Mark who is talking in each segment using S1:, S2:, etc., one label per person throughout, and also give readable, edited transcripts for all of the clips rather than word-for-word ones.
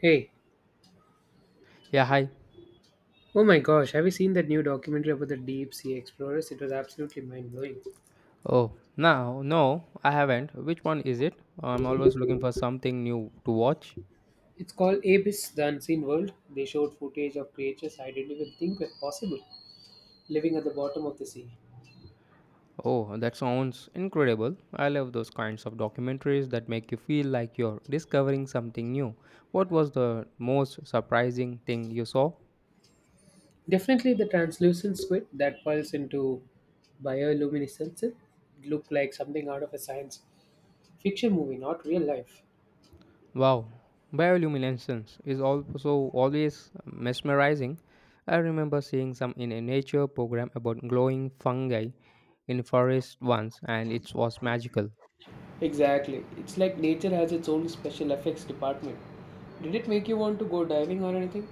S1: Hey,
S2: Yeah, hi.
S1: oh my gosh, have you seen that new documentary about the deep sea explorers? It was absolutely mind blowing.
S2: Oh, no, no, I haven't. Which one is it? I'm always looking for something new to watch.
S1: It's called Abyss, the Unseen World. They showed footage of creatures I didn't even think were possible living at the bottom of the sea.
S2: Oh, that sounds incredible. I love those kinds of documentaries that make you feel like you're discovering something new. What was the most surprising thing you saw?
S1: Definitely the translucent squid that pulls into bioluminescence. It looked like something out of a science fiction movie, not real life.
S2: Wow, bioluminescence is also always mesmerizing. I remember seeing some in a nature program about glowing fungi in forest once, and it was magical.
S1: Exactly. It's like nature has its own special effects department. Did it make you want to go diving or anything?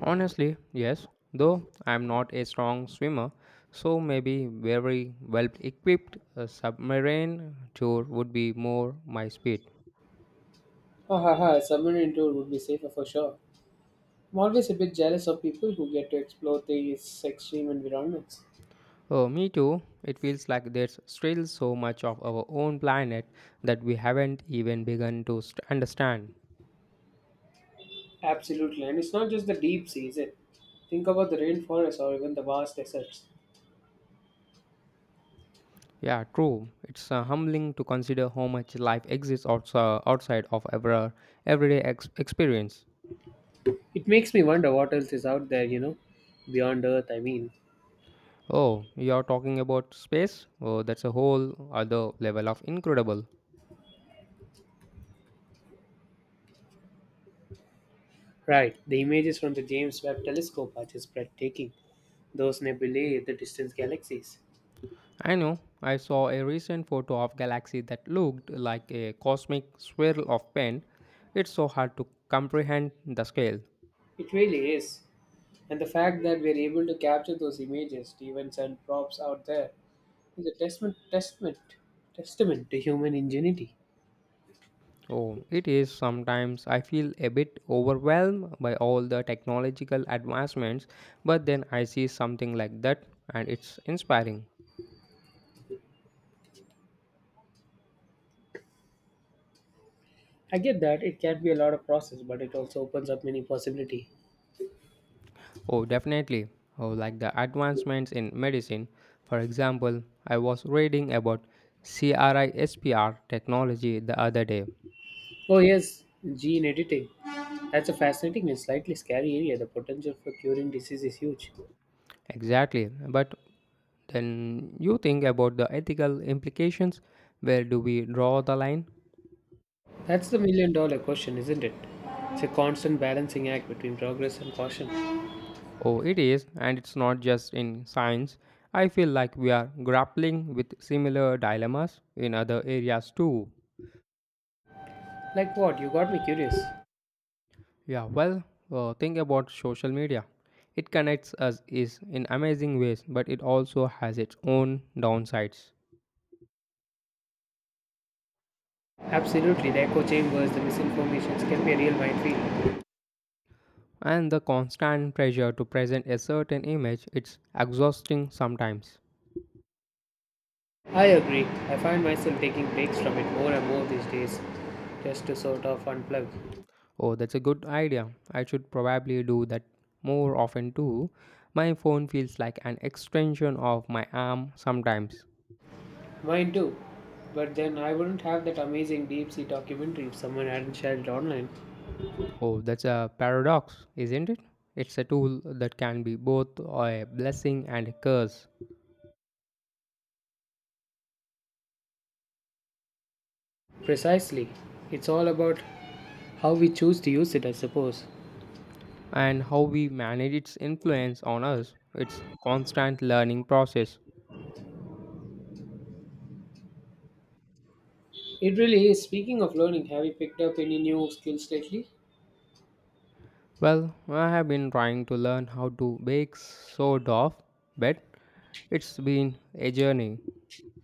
S2: Honestly, yes, though I'm not a strong swimmer, so maybe very well equipped a submarine tour would be more my speed.
S1: Ha ha ha, someone in tour would be safer for sure. I'm always a bit jealous of people who get to explore these extreme environments.
S2: Oh, me too. It feels like there's still so much of our own planet that we haven't even begun to understand.
S1: Absolutely, and it's not just the deep seas. Is It think about the rainforests or even the vast deserts.
S2: Yeah, true. It's humbling to consider how much life exists outside of our everyday experience.
S1: It makes me wonder what else is out there, you know, beyond Earth. I mean,
S2: Oh, you're talking about space? Oh, that's a whole other level of incredible.
S1: right? The images from the James Webb Telescope are just breathtaking. Those nebulae, the distant galaxies.
S2: I know. I saw a recent photo of galaxy that looked like a cosmic swirl of paint. It's so hard to comprehend the scale.
S1: It really is, and the fact that we're able to capture those images, even send props out there, is a testament to human ingenuity.
S2: Oh, it is, sometimes I feel a bit overwhelmed by all the technological advancements, but then I see something like that and it's inspiring.
S1: I get that it can be a lot of process, but it also opens up many possibility.
S2: Oh, definitely. Oh, like the advancements in medicine. For example, I was reading about CRISPR technology the other day.
S1: Oh yes, gene editing. That's a fascinating and slightly scary area. The potential for curing disease is huge.
S2: Exactly, but then you think about the ethical implications. Where do we draw the line?
S1: That's the million dollar question, isn't it? It's a constant balancing act between progress and caution.
S2: Oh, it is, and it's not just in science. I feel like we are grappling with similar dilemmas in other areas too.
S1: Like what? You got me curious.
S2: Yeah, well, think about social media. It connects us is in amazing ways, but it also has its own downsides.
S1: Absolutely, the echo chambers, the misinformations can be a real minefield.
S2: And the constant pressure to present a certain image, it's exhausting sometimes.
S1: I agree. I find myself taking breaks from it more and more these days, just to sort of unplug.
S2: Oh, that's a good idea. I should probably do that more often too. My phone feels like an extension of my arm sometimes.
S1: Mine too. But then I wouldn't have that amazing deep sea documentary if someone hadn't shared it online.
S2: Oh, that's a paradox, isn't it? It's a tool that can be both a blessing and a curse.
S1: Precisely. It's all about how we choose to use it, I suppose.
S2: And how we manage its influence on us, it's constant learning process.
S1: It really is. Speaking of learning, have you picked up any new skills lately?
S2: Well, I have been trying to learn how to bake sourdough, but it's been a journey.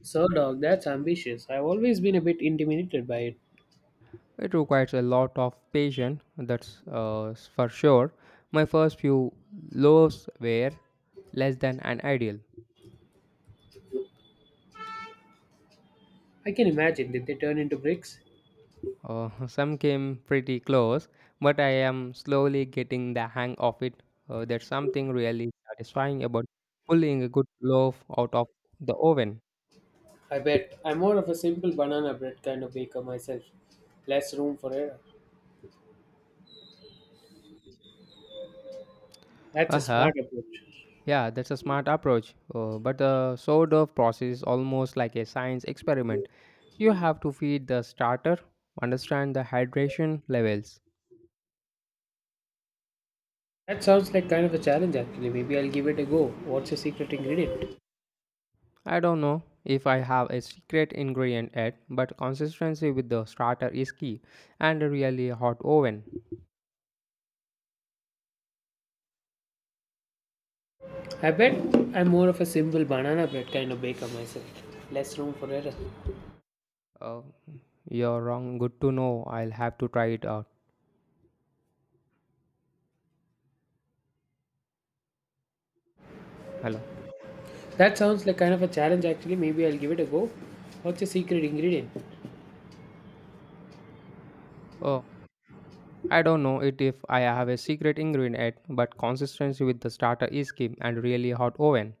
S1: So, dog, that's ambitious. I've always been a bit intimidated by it.
S2: It requires a lot of patience, that's for sure. My first few loaves were less than an ideal.
S1: I can imagine. Did they turn into bricks?
S2: Some came pretty close, but I am slowly getting the hang of it. There's something really satisfying about pulling a good loaf out of the oven.
S1: I bet. I'm more of a simple banana bread kind of baker myself. Less room for error. That's a
S2: Uh-huh.
S1: smart approach.
S2: Yeah, that's a smart approach. But the sourdough process is almost like a science experiment. You have to feed the starter, understand the hydration levels,
S1: That sounds like kind of a challenge actually. Maybe I'll give it a go. What's your secret ingredient?
S2: I don't know if I have a secret ingredient yet, but consistency with the starter is key and a really hot oven.
S1: I bet I'm more of a simple banana bread kind of baker myself. Less room for error.
S2: Oh, you're wrong. Good to know. I'll have to try it out. Hello.
S1: That sounds like kind of a challenge actually. Maybe I'll give it a go. What's your secret ingredient?
S2: Oh, I don't know it if I have a secret ingredient yet, but consistency with the starter is key and really hot oven.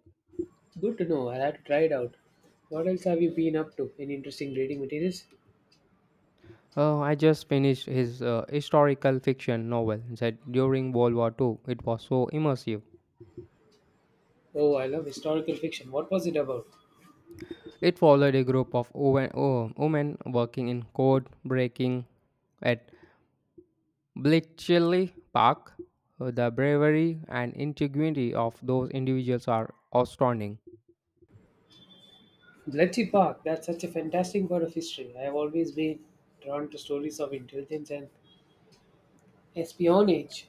S1: Good to know. I'll have to try it out. What else have you been up to? Any interesting reading materials?
S2: Oh, I just finished his historical fiction novel set during World War II. It was so immersive.
S1: Oh, I love historical fiction. What was it about?
S2: It followed a group of women, oh, women working in code breaking at Bletchley Park. The bravery and integrity of those individuals are astounding.
S1: Bletchley Park. That's such a fantastic part of history. I have always been drawn to stories of intelligence and espionage.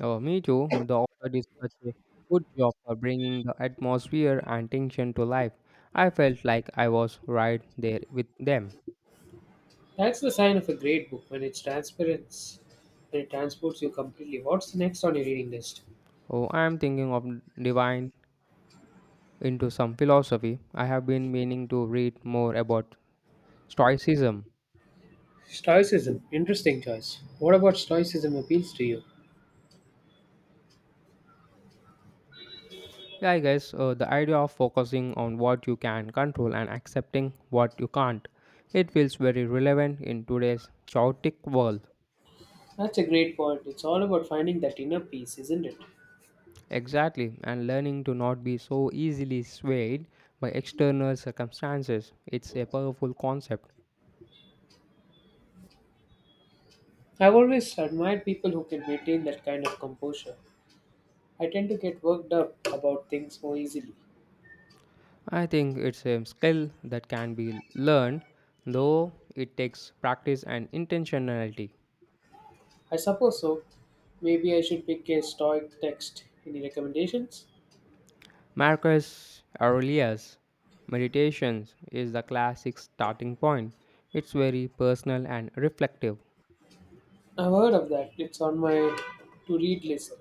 S2: Oh, me too. The author did such a good job of bringing the atmosphere and tension to life. I felt like I was right there with them.
S1: That's the sign of a great book when it's transparent, when it transports you completely. What's next on your reading list?
S2: Oh, I am thinking of divine into some philosophy. I have been meaning to read more about Stoicism.
S1: Stoicism, interesting choice. What about Stoicism appeals to you?
S2: Yeah, I guess the idea of focusing on what you can control and accepting what you can't. It feels very relevant in today's chaotic world.
S1: That's a great point. It's all about finding that inner peace, isn't it?
S2: Exactly, and learning to not be so easily swayed by external circumstances. It's a powerful concept.
S1: I've always admired people who can maintain that kind of composure. I tend to get worked up about things more easily.
S2: I think it's a skill that can be learned, though it takes practice and intentionality.
S1: I suppose so. Maybe I should pick a Stoic text. Any recommendations?
S2: Marcus Aurelius' Meditations is the classic starting point. It's very personal and reflective.
S1: I've heard of that. It's on my to read list,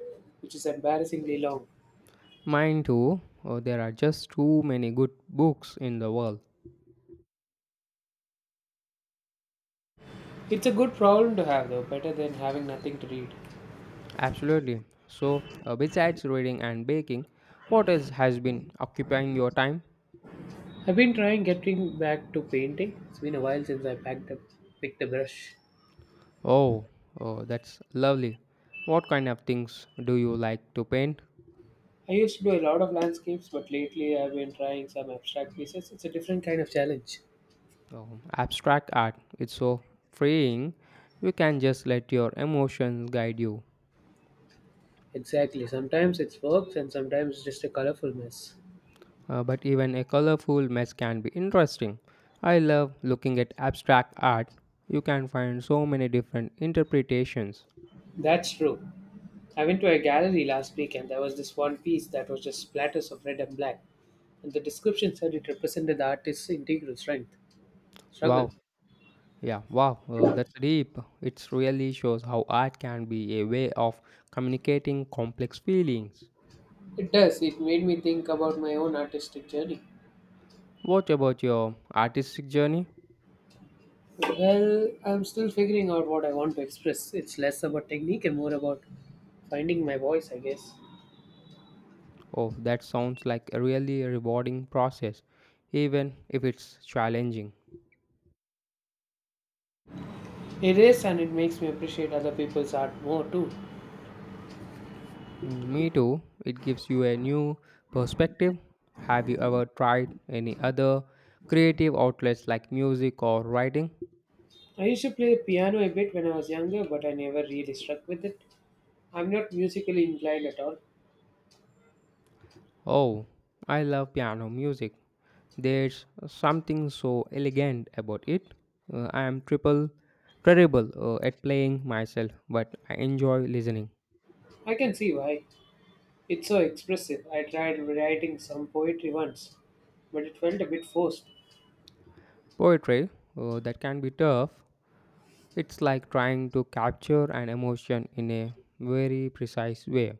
S1: which is embarrassingly long.
S2: Mine too, oh, there are just too many good books in the world.
S1: It's a good problem to have though, better than having nothing to read.
S2: Absolutely. So, besides reading and baking, what else has been occupying your time?
S1: I've been trying getting back to painting. It's been a while since I packed up picked a brush.
S2: Oh, oh, that's lovely. What kind of things do you like to paint?
S1: I used to do a lot of landscapes, but lately I've been trying some abstract pieces. It's a different kind of challenge.
S2: Oh, abstract art. It's so freeing. You can just let your emotions guide you.
S1: Exactly. Sometimes it's works and sometimes it's just a colorful mess.
S2: But even a colorful mess can be interesting. I love looking at abstract art. You can find so many different interpretations.
S1: That's true. I went to a gallery last week and there was this one piece that was just splatters of red and black. And the description said it represented the artist's integral strength. Struggle.
S2: Wow, yeah, wow, that's deep. It really shows how art can be a way of communicating complex feelings.
S1: It does. It made me think about my own artistic journey.
S2: What about your artistic journey?
S1: Well, I'm still figuring out what I want to express. It's less about technique and more about finding my voice, I guess.
S2: Oh, that sounds like a really rewarding process, even if it's challenging.
S1: It is, and it makes me appreciate other people's art more too.
S2: Mm, me too. It gives you a new perspective. Have you ever tried any other creative outlets like music or writing?
S1: I used to play piano a bit when I was younger, but I never really struck with it. I'm not musically inclined at all.
S2: Oh, I love piano music. There's something so elegant about it. I am triple terrible at playing myself, but I enjoy listening.
S1: I can see why. It's so expressive. I tried writing some poetry once, but it felt a bit forced.
S2: Poetry, that can be tough. It's like trying to capture an emotion in a very precise way.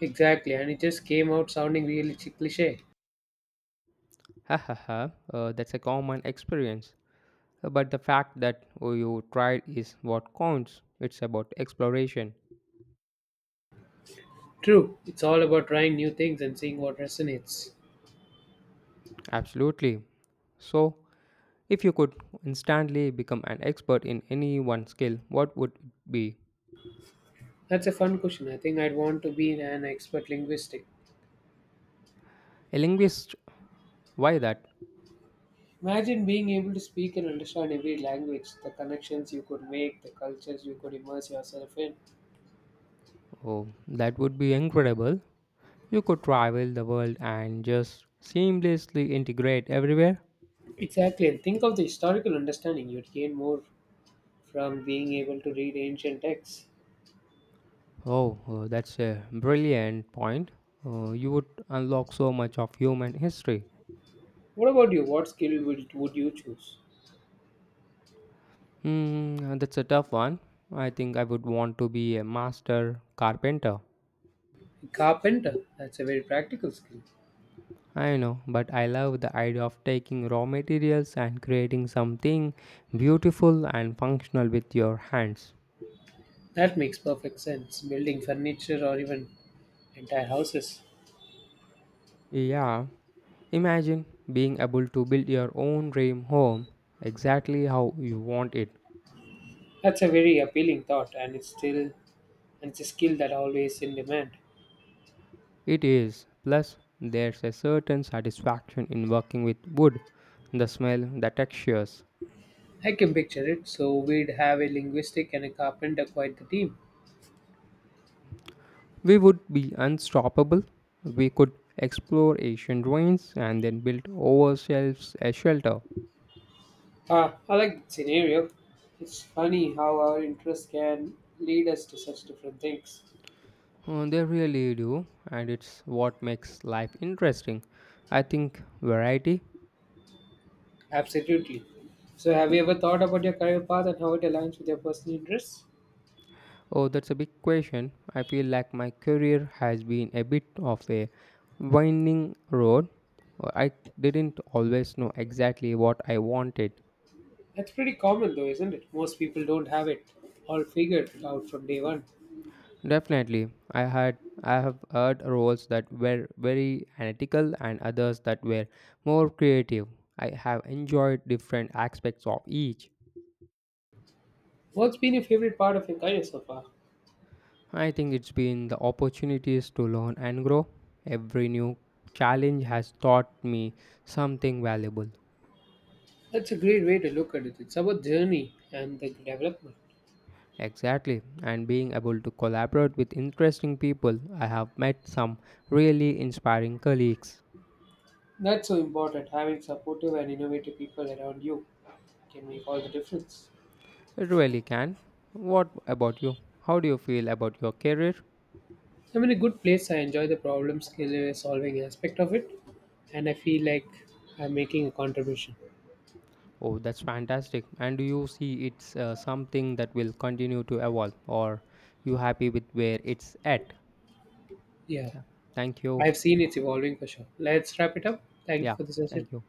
S1: Exactly, and it just came out sounding really cliche.
S2: Ha ha ha, that's a common experience. But the fact that you tried is what counts. It's about exploration.
S1: True, it's all about trying new things and seeing what resonates.
S2: Absolutely. So, if you could instantly become an expert in any one skill, what would it be?
S1: That's a fun question. I think I'd want to be an expert linguistic.
S2: A linguist? Why that?
S1: Imagine being able to speak and understand every language, the connections you could make, the cultures you could immerse yourself in.
S2: Oh, that would be incredible. You could travel the world and just seamlessly integrate everywhere.
S1: Exactly, and think of the historical understanding you'd gain more from being able to read ancient texts.
S2: Oh, that's a brilliant point. You would unlock so much of human history.
S1: What about you? What skill would you choose?
S2: Hmm, that's a tough one. I think I would want to be a master carpenter.
S1: Carpenter, that's a very practical skill.
S2: I know, but I love the idea of taking raw materials and creating something beautiful and functional with your hands.
S1: That makes perfect sense. Building furniture or even entire houses.
S2: Yeah, imagine being able to build your own dream home exactly how you want it.
S1: That's a very appealing thought, and it's still and it's a skill that always in demand.
S2: It is. Plus, there's a certain satisfaction in working with wood the smell, the textures.
S1: I can picture it. So we'd have a linguistic and a carpenter quite the team.
S2: We would be unstoppable. We could explore ancient ruins and then build ourselves a shelter.
S1: Ah, I like that scenario. It's funny how our interests can lead us to such different things.
S2: Oh, they really do, and it's what makes life interesting. I think variety.
S1: Absolutely. So have you ever thought about your career path and how it aligns with your personal interests?
S2: Oh, that's a big question. I feel like my career has been a bit of a winding road. I didn't always know exactly what I wanted.
S1: That's pretty common though, isn't it? Most people don't have it all figured out from day one.
S2: Definitely, I have heard roles that were very analytical and others that were more creative. I have enjoyed different aspects of each.
S1: What's been your favorite part of your career so far?
S2: I think it's been the opportunities to learn and grow. Every new challenge has taught me something valuable.
S1: That's a great way to look at it. It's about journey and the development.
S2: Exactly, and being able to collaborate with interesting people, I have met some really inspiring colleagues.
S1: That's so important. Having supportive and innovative people around you can make all the difference.
S2: It really can. What about you? How do you feel about your career?
S1: I'm in a good place. I enjoy the solving aspect of it, and I feel like I'm making a contribution.
S2: Oh, that's fantastic. And do you see it's something that will continue to evolve or you happy with where it's at?
S1: Yeah,
S2: Yeah. Thank you.
S1: I've seen it's evolving for sure. Let's wrap it up. Thank you
S2: Yeah.
S1: for the session.
S2: Thank you.